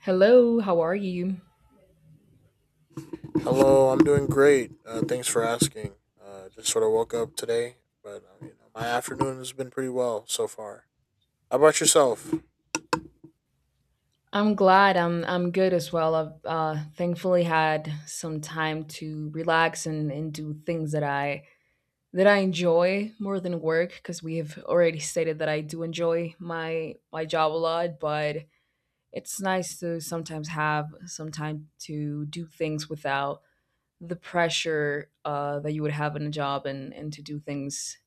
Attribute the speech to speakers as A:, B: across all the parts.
A: Hello, how are you?
B: Hello, I'm doing great. Thanks for asking. Just sort of woke up today, but you know, my afternoon has been pretty well so far. How about yourself?
A: I'm glad I'm good as well. I've thankfully had some time to relax and do things that I enjoy more than work because we have already stated that I do enjoy my job a lot, but it's nice to sometimes have some time to do things without the pressure that you would have in a job and to do things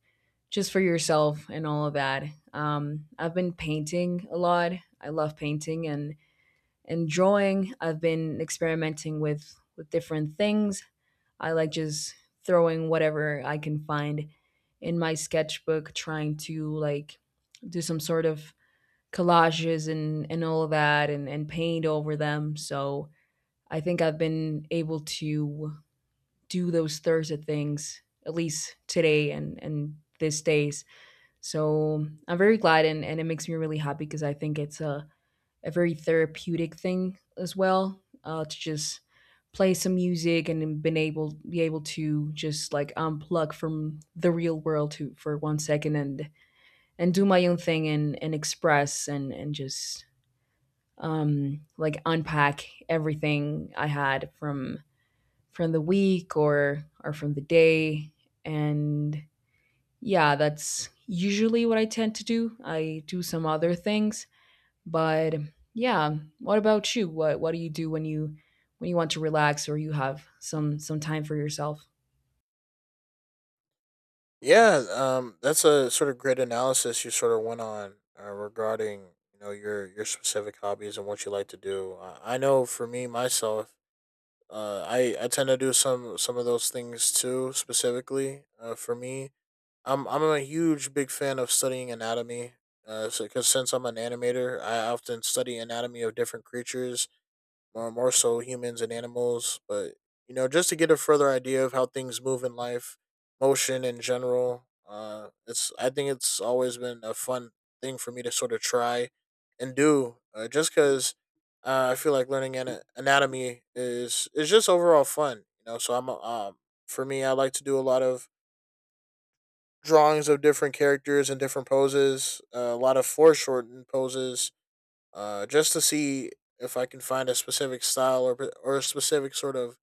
A: just for yourself and all of that. I've been painting a lot. I love painting and drawing. I've been experimenting with different things. I like just throwing whatever I can find in my sketchbook, trying to like do some sort of collages and all of that, and paint over them. So I think I've been able to do those Thursday things at least today and these days, so I'm very glad, and it makes me really happy because I think it's a very therapeutic thing as well, to just play some music and then been able be able to just like unplug from the real world to for one second and do my own thing and express and just like unpack everything I had from the week or from the day and yeah, that's usually what I tend to do. I do some other things, but yeah, what about you? What do you do when you want to relax or you have some time for yourself?
B: Yeah, that's a sort of great analysis you sort of went on regarding you know your specific hobbies and what you like to do. I know for me myself, I tend to do some of those things too. Specifically, for me, I'm a huge big fan of studying anatomy. Because since I'm an animator, I often study anatomy of different creatures, more so humans and animals. But you know, just to get a further idea of how things move in life, motion in general. It's I think it's always been a fun thing for me to sort of try and do. Just because I feel like learning anatomy is just overall fun. You know, so for me, I like to do a lot of drawings of different characters and different poses, a lot of foreshortened poses, just to see if I can find a specific style or a specific sort of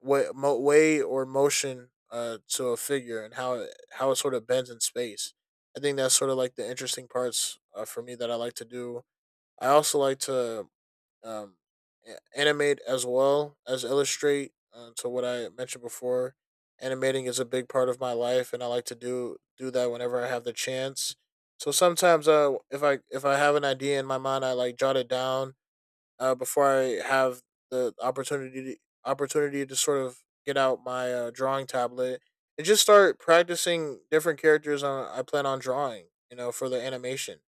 B: way or motion to a figure and how it sort of bends in space. I think that's sort of like the interesting parts for me that I like to do. I also like to um, animate as well as illustrate. To what I mentioned before, animating is a big part of my life, and I like to do that whenever I have the chance. So sometimes, if I have an idea in my mind, I like jot it down before I have the opportunity to, opportunity to sort of get out my drawing tablet and just start practicing different characters on, I plan on drawing. You know, for the animation.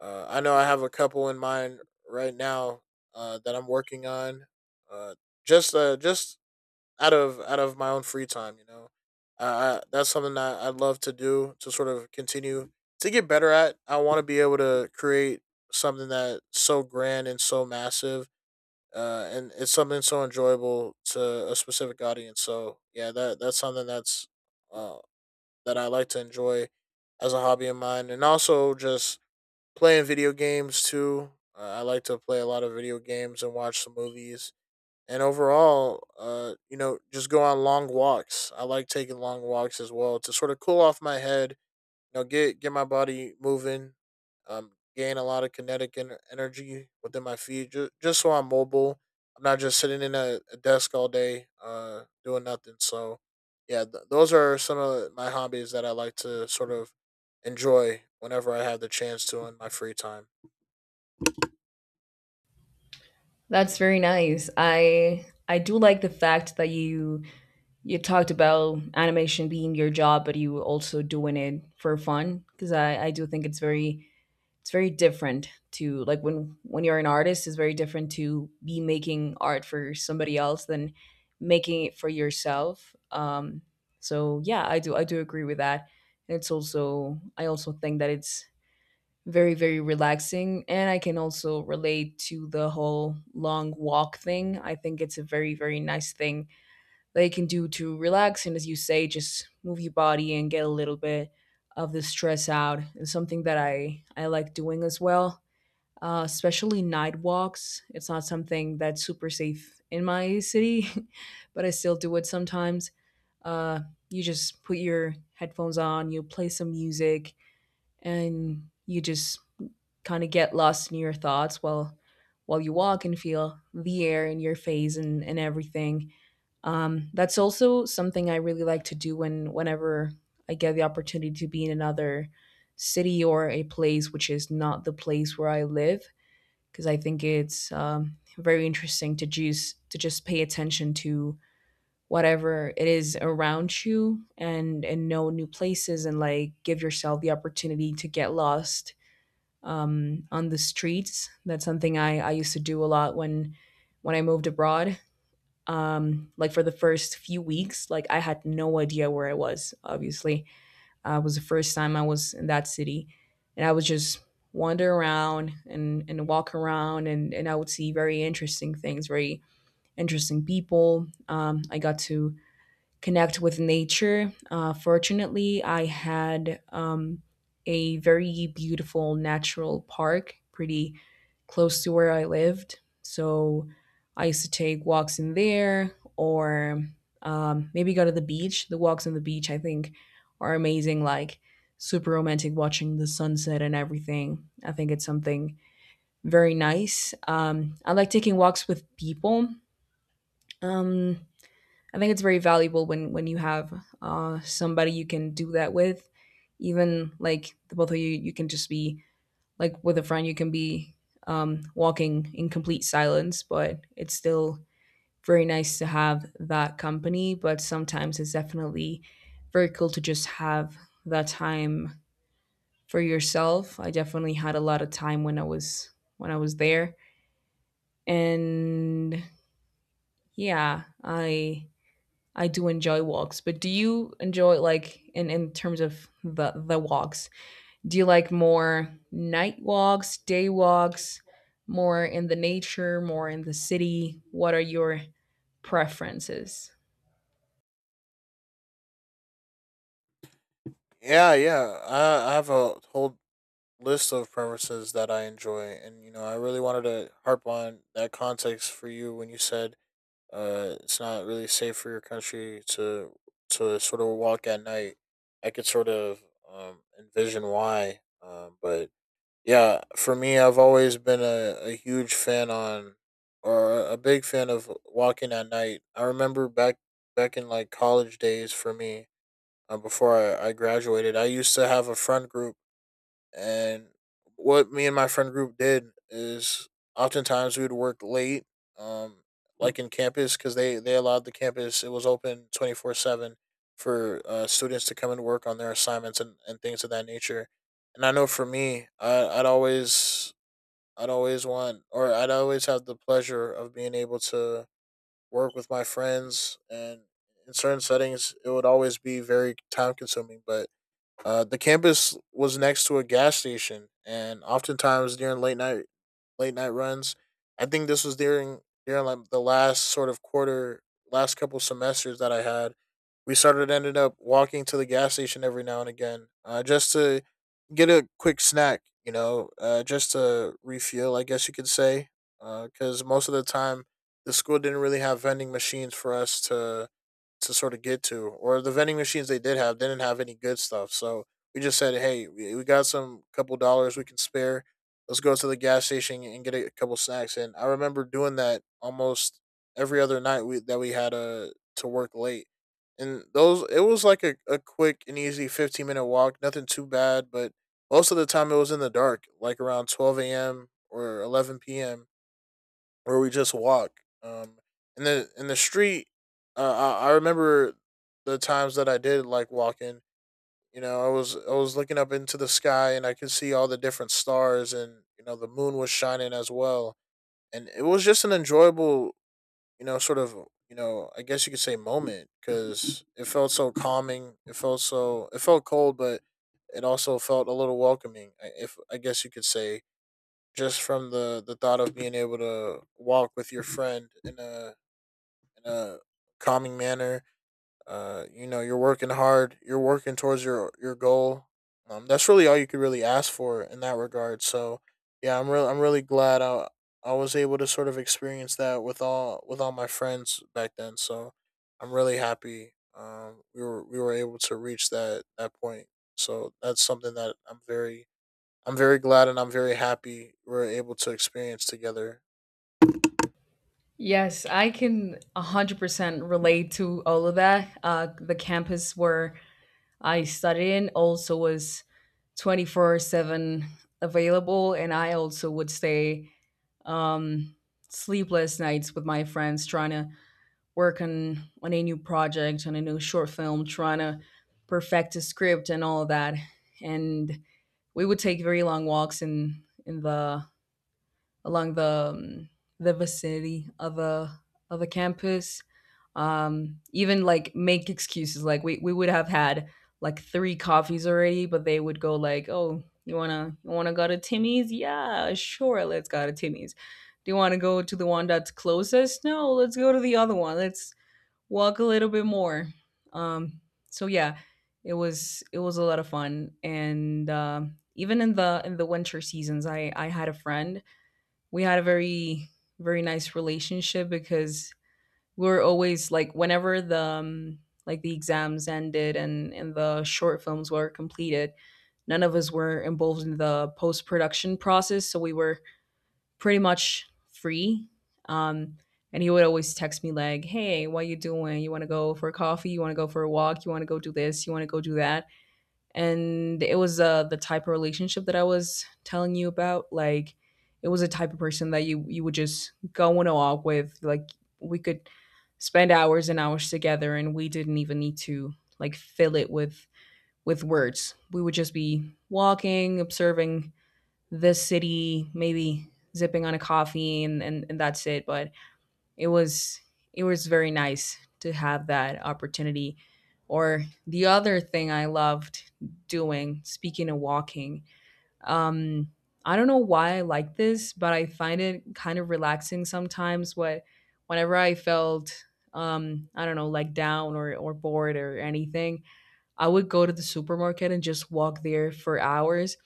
B: I know I have a couple in mind right now that I'm working on. Uh, just out of my own free time, you know. That's something that I'd love to do to sort of continue to get better at. I want to be able to create something that's so grand and so massive, and it's something so enjoyable to a specific audience. So yeah, that's something that's uh, that I like to enjoy as a hobby of mine, and also just playing video games too. I like to play a lot of video games and watch some movies. And overall, you know, just go on long walks. I like taking long walks as well to sort of cool off my head know, get my body moving, gain a lot of kinetic energy within my feet, just so I'm mobile. I'm not just sitting in a desk all day, doing nothing. So, yeah, those are some of my hobbies that I like to sort of enjoy whenever I have the chance to in my free time.
A: That's very nice. I do like the fact that you talked about animation being your job, but you also doing it for fun because I do think it's very different to like when you're an artist, it's very different to be making art for somebody else than making it for yourself, so yeah, I do agree with that. It's also, I also think that it's very very relaxing, and I can also relate to the whole long walk thing. I think it's a very very nice thing that you can do to relax and, as you say, just move your body and get a little bit of the stress out. It's something that I like doing as well, especially night walks. It's not something that's super safe in my city, but I still do it sometimes. Uh, you just put your headphones on, you play some music, and you just kind of get lost in your thoughts while you walk and feel the air in your face, and everything. That's also something I really like to do when whenever I get the opportunity to be in another city or a place which is not the place where I live, because I think it's very interesting to just pay attention to whatever it is around you and know new places and like give yourself the opportunity to get lost on the streets. That's something I used to do a lot when I moved abroad. Like for the first few weeks, like I had no idea where I was, obviously. It was the first time I was in that city, and I would just wander around and walk around, and I would see very interesting things, very interesting people. I got to connect with nature. Fortunately, I had a very beautiful natural park, pretty close to where I lived. So I used to take walks in there or maybe go to the beach. The walks on the beach, I think, are amazing, like super romantic, watching the sunset and everything. I think it's something very nice. I like taking walks with people. Um, I think it's very valuable when you have somebody you can do that with. Even like the both of you, you can just be like with a friend. You can be walking in complete silence, but it's still very nice to have that company. But sometimes it's definitely very cool to just have that time for yourself. I definitely had a lot of time when I was there, and yeah, I do enjoy walks. But do you enjoy, like, in terms of the walks? Do you like more night walks, day walks, more in the nature, more in the city? What are your preferences?
B: Yeah, yeah, I have a whole list of preferences that I enjoy, and you know, I really wanted to harp on that context for you when you said it's not really safe for your country to sort of walk at night. I could sort of envision why, but yeah, for me, I've always been a huge fan on or a big fan of walking at night. I remember back in like college days for me, I graduated, I used to have a friend group and what me and my friend group did is oftentimes we would work late, um, like in campus, because they allowed the campus, it was open 24 7 for students to come and work on their assignments and things of that nature. And I know for me, I'd always want, or I'd always have the pleasure of being able to work with my friends. And in certain settings, it would always be very time consuming. But the campus was next to a gas station, and oftentimes during late night runs, I think this was during like the last sort of quarter, last couple semesters that I had. We started ended up walking to the gas station every now and again, just to get a quick snack, you know, just to refuel, I guess you could say, because most of the time the school didn't really have vending machines for us to sort of get to, or the vending machines they did have didn't have any good stuff. So we just said, hey, we got some couple dollars we can spare. Let's go to the gas station and get a couple snacks. And I remember doing that almost every other that we had to work late. And those, it was like a quick and easy 15-minute walk, nothing too bad. But most of the time it was in the dark, like around 12 a.m. or 11 p.m or we just walk. Um, in the street, I remember the times that I did like walking. You know, I was looking up into the sky and I could see all the different stars, and you know the moon was shining as well, and it was just an enjoyable, you know, sort of I guess you could say moment because it felt so calming. It felt cold, but it also felt a little welcoming. If I guess you could say just from the thought of being able to walk with your friend in a calming manner. You know, you're working hard. You're working towards your goal. That's really all you could really ask for in that regard. So, yeah, I'm really glad I was able to sort of experience that with all my friends back then. So, I'm really happy. We were able to reach that point. So that's something that I'm very glad and I'm very happy we're able to experience together.
A: Yes, I can 100% relate to all of that. The campus where I studied in also was 24/7 available, and I also would stay um, sleepless nights with my friends trying to working on a new project, on a new short film, trying to perfect a script and all of that. And we would take very long walks in the along um, the vicinity of a campus. Even like make excuses. Like we would have had like 3 coffees already, but they would go like, "Oh, you wanna go to Timmy's?" Yeah, sure, let's go to Timmy's. Do you want to go to the one that's closest? No, let's go to the other one. Let's walk a little bit more. Um, so yeah, it was a lot of fun, and even in the winter seasons, I had a friend. We had a very very nice relationship because we were always like whenever the like the exams ended and the short films were completed, none of us were involved in the post production process, so we were pretty much free. Um, and he would always text me like, "Hey, what you doing? You want to go for a coffee? You want to go for a walk? You want to go do this? You want to go do that?" And it was, the type of relationship that I was telling you about. Like, it was a type of person that you would just go on a walk with. Like, we could spend hours and hours together, and we didn't even need to like fill it with words. We would just be walking, observing the city, maybe zipping on a coffee and that's it. But it was it was very nice to have that opportunity. Or the other thing I loved doing, speaking of walking, um, I don't know why I like this, but I find it kind of relaxing sometimes. What whenever I felt I don't know, like down or bored or anything, I would go to the supermarket and just walk there for hours,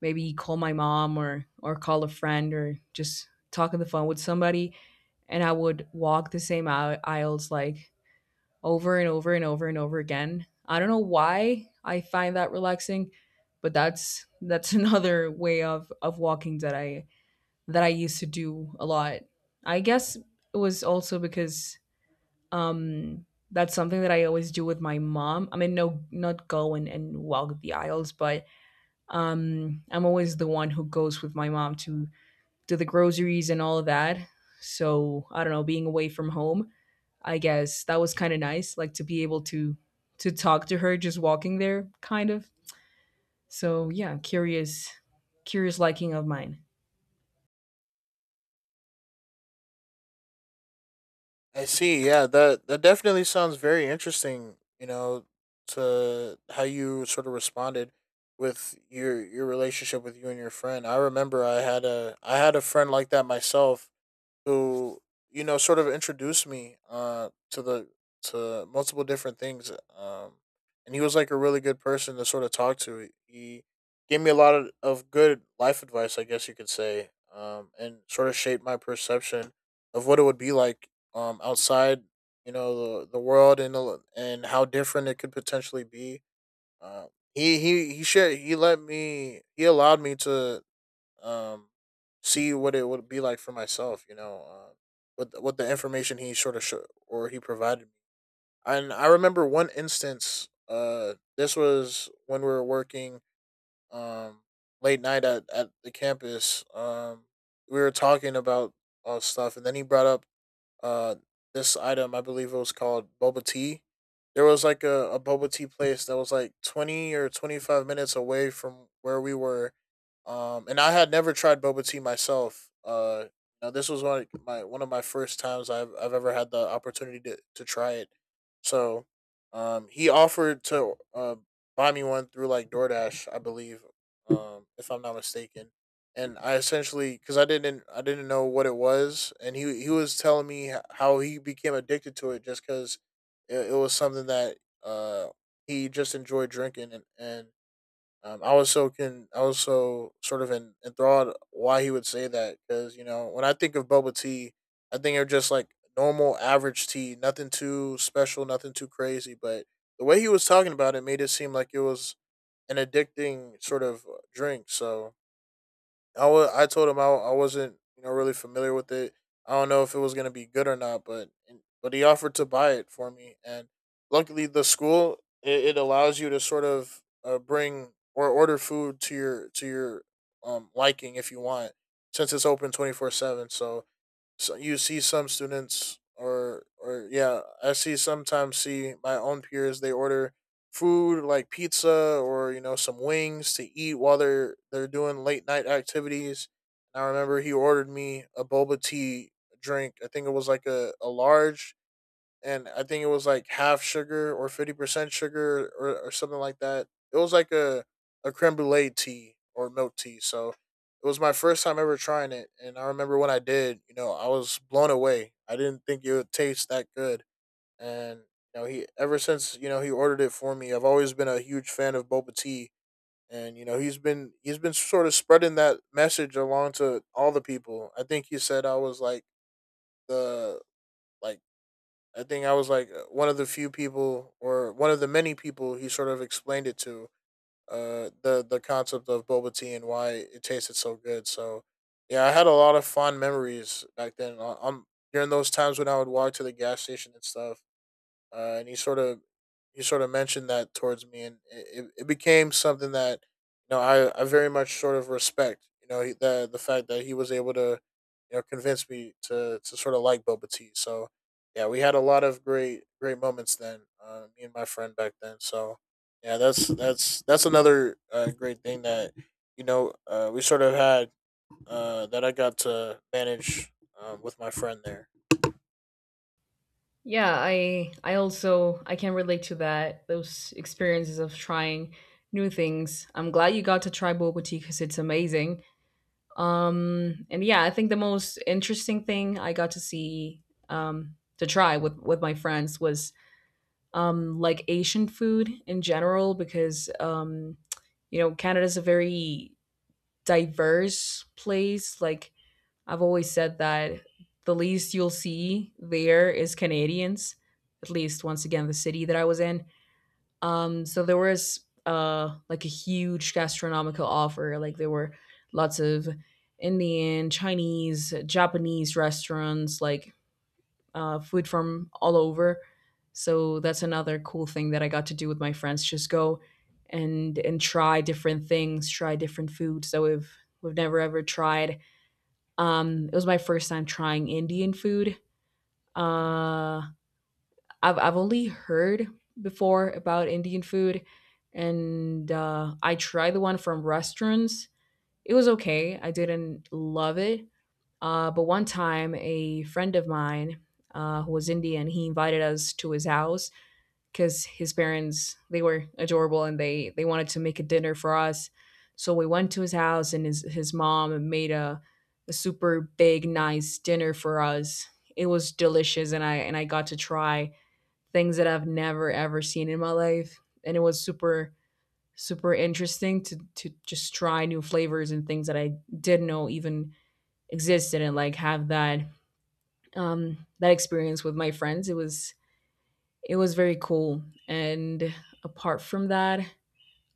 A: maybe call my mom or call a friend or just talk on the phone with somebody, and I would walk the same aisles like over and over and over and over again. I don't know why I find that relaxing, but that's another way of walking that I used to do a lot. I guess it was also because um that's something that I always do with my mom. I mean, no, not go and walk the aisles, but I'm always the one who goes with my mom to do the groceries and all of that. So I don't know, being away from home, I guess that was kind of nice, like to be able to talk to her just walking there, kind of. So yeah, curious liking of mine.
B: I see. Yeah, that definitely sounds very interesting. You know, to how you sort of responded with your relationship with you and your friend. I remember I had a friend like that myself who you know sort of introduced me to the to multiple different things um and he was like a really good person to sort of talk to. He gave me a lot of good life advice, I guess you could say. And sort of shaped my perception of what it would be like outside you know the world and how different it could potentially be. um he shared, he let me, he allowed me to um, see what it would be like for myself. You know, with the information he sort of sho or he provided me. And I remember one instance. This was when we were working um late night at the campus. We were talking about all stuff, and then he brought up uh this item. I believe it was called boba tea. There was like a boba tea place that was like 20 or 25 minutes away from where we were, and I had never tried boba tea myself. You know, this was one of my first times I've ever had the opportunity to try it. So, he offered to buy me one through like DoorDash, I believe, if I'm not mistaken. And I essentially, because I didn't know what it was, and he was telling me how he became addicted to it just because it was something that he just enjoyed drinking, and I was so can I was so sort of enthralled why he would say that, because you know when I think of bubble tea, I think of just like normal average tea, nothing too special, nothing too crazy, but the way he was talking about it made it seem like it was an addicting sort of drink. So I told him I wasn't you know really familiar with it. I don't know if it was gonna be good or not, but he offered to buy it for me, and luckily the school, it allows you to sort of bring or order food to your liking if you want, since it's open 24/7. So you see some students or yeah, I see sometimes see my own peers. They order food like pizza or some wings to eat while they're doing late night activities. I remember he ordered me a boba tea drink. I think it was like a large, and I think it was like half sugar or 50% sugar or something like that. It was like a creme brulee tea or milk tea. So it was my first time ever trying it, and I remember when I did, you know, I was blown away. I didn't think it would taste that good, and you know, he ever since you know he ordered it for me, I've always been a huge fan of boba tea. And you know, he's been sort of spreading that message along to all the people. I think he said I was like the, like, I think I was like one of the few people, or one of the many people he sort of explained it to, the concept of boba tea and why it tasted so good. So, yeah, I had a lot of fond memories back then. I during those times when I would walk to the gas station and stuff, and he sort of mentioned that towards me, and it became something that you know I very much sort of respect. You know, the fact that he was able to, you know, convince me to sort of like Boba Tea. So yeah, we had a lot of great moments then, me and my friend back then. So yeah, that's another great thing that you know we sort of had, that I got to manage with my friend there.
A: Yeah, I also I can relate to that. Those experiences of trying new things. I'm glad you got to try boba tea because it's amazing. And yeah, I think the most interesting thing I got to see, to try with my friends was like Asian food in general, because you know, Canada's a very diverse place. Like I've always said that the least you'll see there is Canadians. At least once again, the city that I was in, so there was like a huge gastronomical offer. Like there were lots of Indian, Chinese, Japanese restaurants, like food from all over. So that's another cool thing that I got to do with my friends. Just go and try different things, try different foods that we've never ever tried. It was my first time trying Indian food. Uh, I've only heard before about Indian food, and I tried the one from restaurants. It was okay. I didn't love it. But one time, a friend of mine, who was Indian, he invited us to his house because his parents, they were adorable, and they wanted to make a dinner for us. So we went to his house, and his mom made a super big nice dinner for us. It was delicious, and I got to try things that I've never ever seen in my life, and it was super super interesting to just try new flavors and things that I didn't know even existed, and like have that experience with my friends. It was very cool. And apart from that,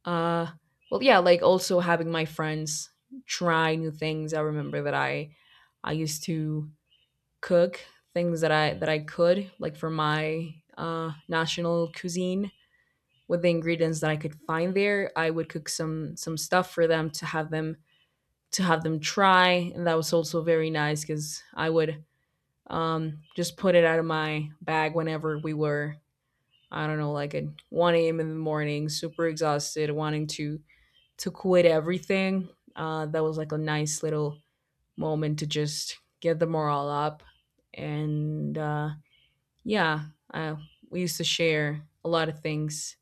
A: uh, yeah, like also having my friends try new things. I remember that I used to cook things that I could like for my national cuisine with the ingredients that I could find there. I would cook some stuff for them to have them to have them try, and that was also very nice because I would just put it out of my bag whenever we were, I don't know, like at 1 a.m. in the morning, super exhausted, wanting to quit everything. That was like a nice little moment to just get the morale up, and yeah, I, we used to share a lot of things.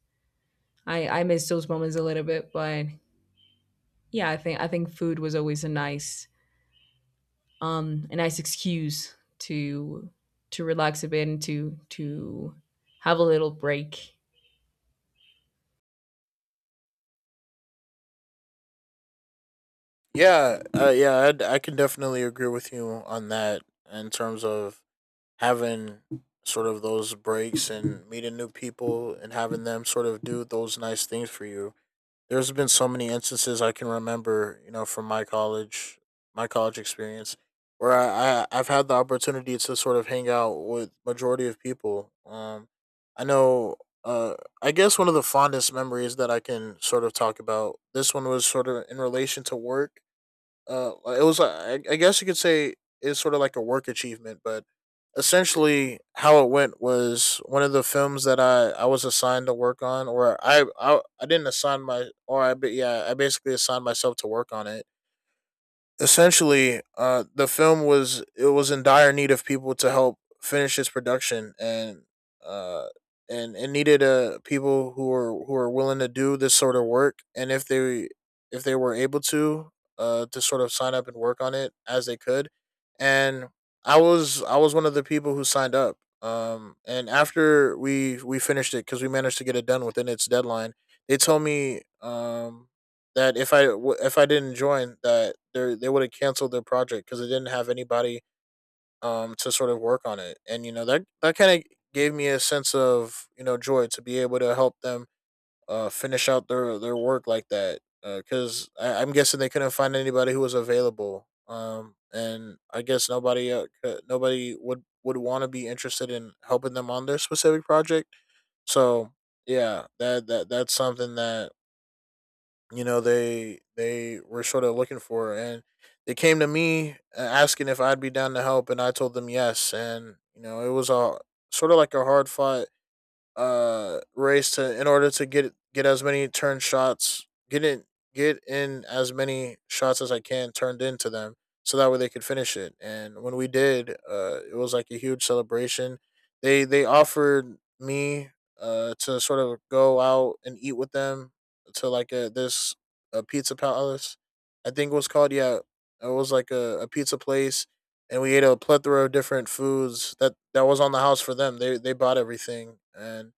A: I miss those moments a little bit, but yeah, I think food was always a nice excuse to relax a bit and to have a little break.
B: Yeah, yeah, I can definitely agree with you on that, in terms of having sort of those breaks and meeting new people and having them sort of do those nice things for you. There's been so many instances I can remember, you know, from my college experience, where I've had the opportunity to sort of hang out with majority of people. I know. Uh, I guess one of the fondest memories that I can sort of talk about, this one was sort of in relation to work. It was I guess you could say it's sort of like a work achievement, but essentially how it went was one of the films that I was assigned to work on, or I didn't assign my, or I yeah, I basically assigned myself to work on it. Essentially, the film, was it was in dire need of people to help finish its production, and uh it needed people who were willing to do this sort of work, and if they, if they were able to sort of sign up and work on it as they could. And I was one of the people who signed up, and after we finished it, because we managed to get it done within its deadline, they told me that if I if I didn't join, that they would have canceled their project because they didn't have anybody to sort of work on it. And you know, that kind of gave me a sense of, you know, joy to be able to help them finish out their work like that, because I'm guessing they couldn't find anybody who was available, and I guess nobody, nobody would want to be interested in helping them on their specific project. So yeah, that's something that you know they were sort of looking for, and they came to me, asking if I'd be down to help, and I told them yes. And you know, it was a sort of like a hard fought race to in order to get in, get in as many shots as I can turned into them, so that way they could finish it. And when we did, it was like a huge celebration. They offered me to sort of go out and eat with them, to like a, this, a pizza palace, I think it was called. Yeah, it was like a pizza place, and we ate a plethora of different foods that was on the house for them. They bought everything, and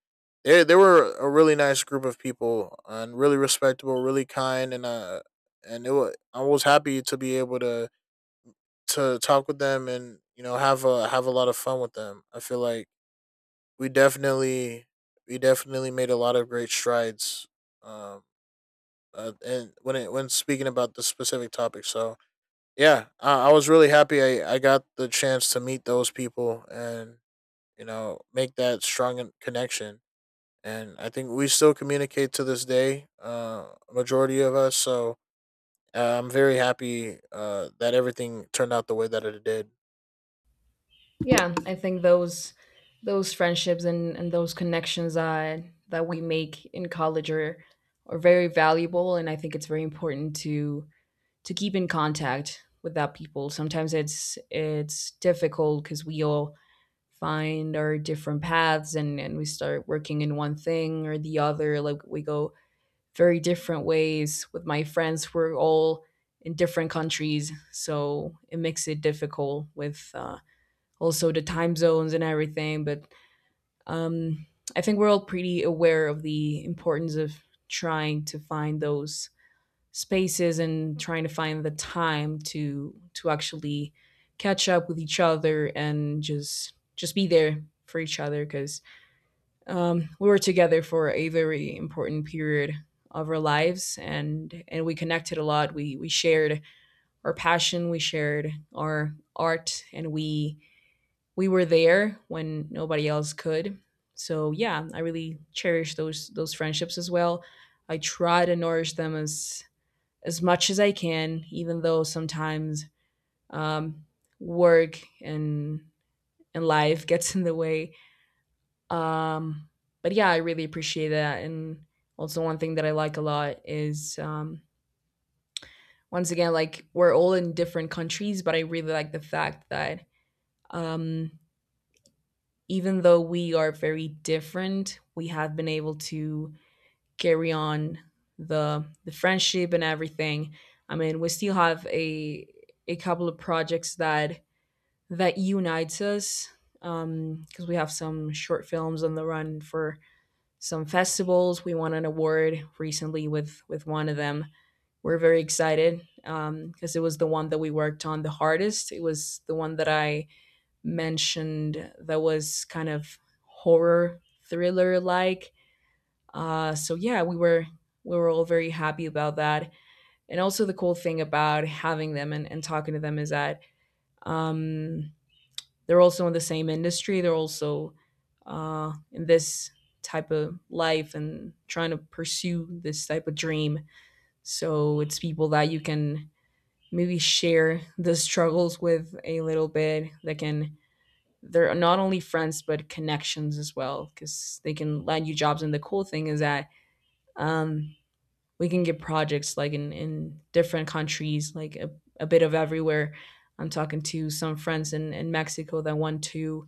B: they were a really nice group of people and really respectable, really kind. And it was, I was happy to be able to talk with them, and you know, have a lot of fun with them. I feel like we definitely we definitely made a lot of great strides, um, and when speaking about the specific topic. So yeah, I was really happy I got the chance to meet those people and, you know, make that strong connection. And I think we still communicate to this day, majority of us. So I'm very happy that everything turned out the way that it did.
A: Yeah, I think those friendships and those connections that we make in college are very valuable, and I think it's very important to keep in contact with that people. Sometimes it's difficult because we all find our different paths, and we start working in one thing or the other. Like we go very different ways. With my friends, we're all in different countries, so it makes it difficult, with also the time zones and everything. But um, I think we're all pretty aware of the importance of trying to find those spaces and trying to find the time to actually catch up with each other and just be there for each other because we were together for a very important period of our lives, and we connected a lot. We shared our passion, we shared our art, and we were there when nobody else could. So yeah, I really cherish those friendships as well. I try to nourish them as much as I can, even though sometimes um, work and life gets in the way. Um, but yeah, I really appreciate that. And also, one thing that I like a lot is, once again, like we're all in different countries, but I really like the fact that um, even though we are very different, we have been able to carry on the friendship and everything. I mean, we still have a couple of projects that unites us, because we have some short films on the run for some festivals. We won an award recently with one of them. We're very excited, because it was the one that we worked on the hardest. It was the one that I mentioned that was kind of horror thriller like. So yeah, we were all very happy about that. And also the cool thing about having them, and talking to them, is that um, they're also in the same industry. They're also in this type of life and trying to pursue this type of dream. So it's people that you can maybe share the struggles with a little bit, that can, they're not only friends but connections as well, because they can land you jobs. And the cool thing is that um, we can get projects like in different countries, like a bit of everywhere. I'm talking to some friends in Mexico that want to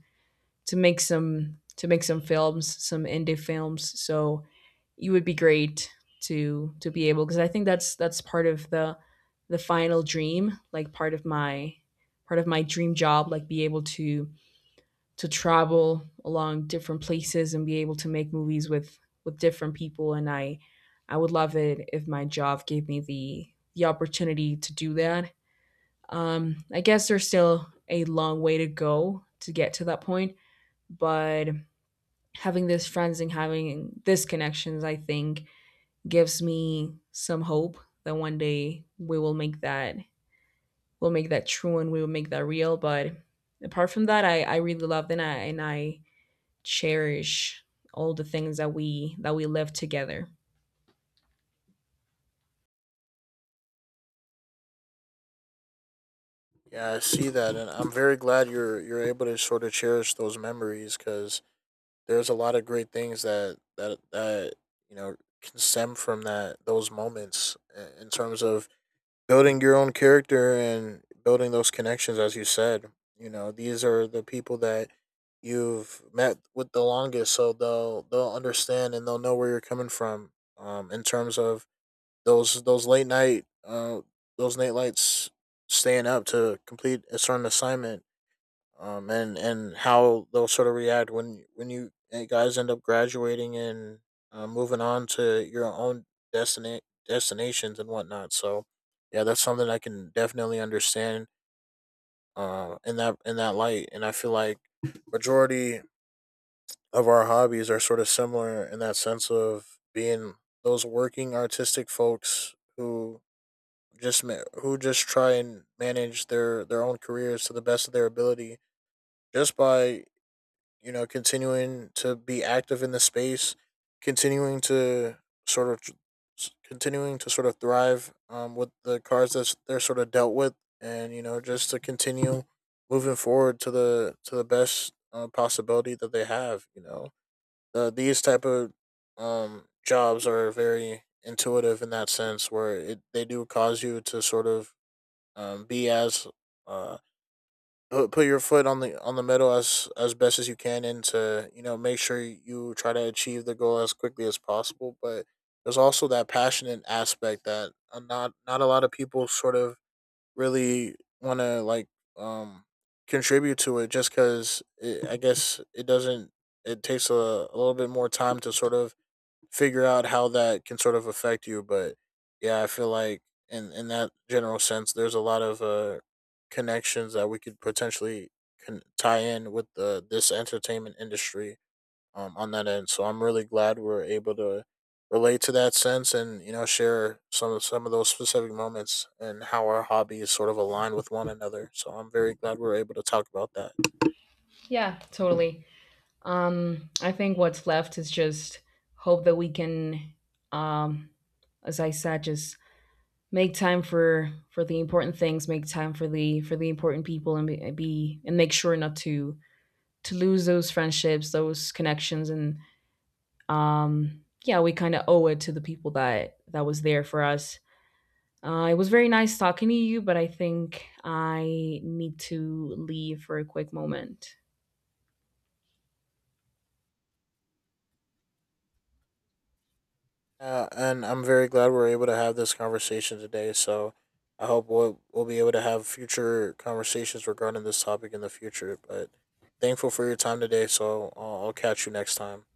A: to make some films, some indie films. So it would be great to be able, because I think that's part of the final dream, like part of my dream job, like be able to travel along different places and be able to make movies with different people. And I would love it if my job gave me the opportunity to do that. I guess there's still a long way to go to get to that point, but having these friends and having these connections, I think, gives me some hope that one day we will make that we'll make that true, and we will make that real. But apart from that, I really loved, and I cherish all the things that we lived together.
B: Yeah, I see that, and I'm very glad you're able to sort of cherish those memories, because there's a lot of great things that you know can stem from that those moments, in terms of building your own character and building those connections. As you said, you know, these are the people that you've met with the longest, so they'll understand and they'll know where you're coming from, in terms of those late night, those late lights, staying up to complete a certain assignment, and how they'll sort of react when you guys end up graduating and moving on to your own destina- destinations and whatnot. So, yeah, that's something I can definitely understand, in that light. And I feel like majority of our hobbies are sort of similar in that sense of being those working artistic folks who just who just try and manage their own careers to the best of their ability, just by, you know, continuing to be active in the space, continuing to sort of continuing to sort of thrive with the cards that they're sort of dealt with. And you know, just to continue moving forward to the best possibility that they have. You know, these type of jobs are very intuitive in that sense, where it they do cause you to sort of be as uh, put your foot on the middle as best as you can, and to, you know, make sure you try to achieve the goal as quickly as possible. But there's also that passionate aspect that, not a lot of people sort of really want to like, um contribute to it, just because I guess it doesn't, it takes a little bit more time to sort of figure out how that can sort of affect you. But yeah, I feel like in that general sense, there's a lot of connections that we could potentially tie in with the this entertainment industry, on that end. So I'm really glad we're able to relate to that sense, and you know, share some of those specific moments, and how our hobbies sort of align with one another. So I'm very glad we're able to talk about that.
A: Yeah, totally. I think what's left is just hope that we can, um, as I said, just make time for the important things, make time for the important people, and be and make sure not to lose those friendships, those connections. And yeah, we kind of owe it to the people that was there for us. It was very nice talking to you, but I think I need to leave for a quick moment.
B: And I'm very glad we're able to have this conversation today. So I hope we'll be able to have future conversations regarding this topic in the future. But thankful for your time today. So I'll catch you next time.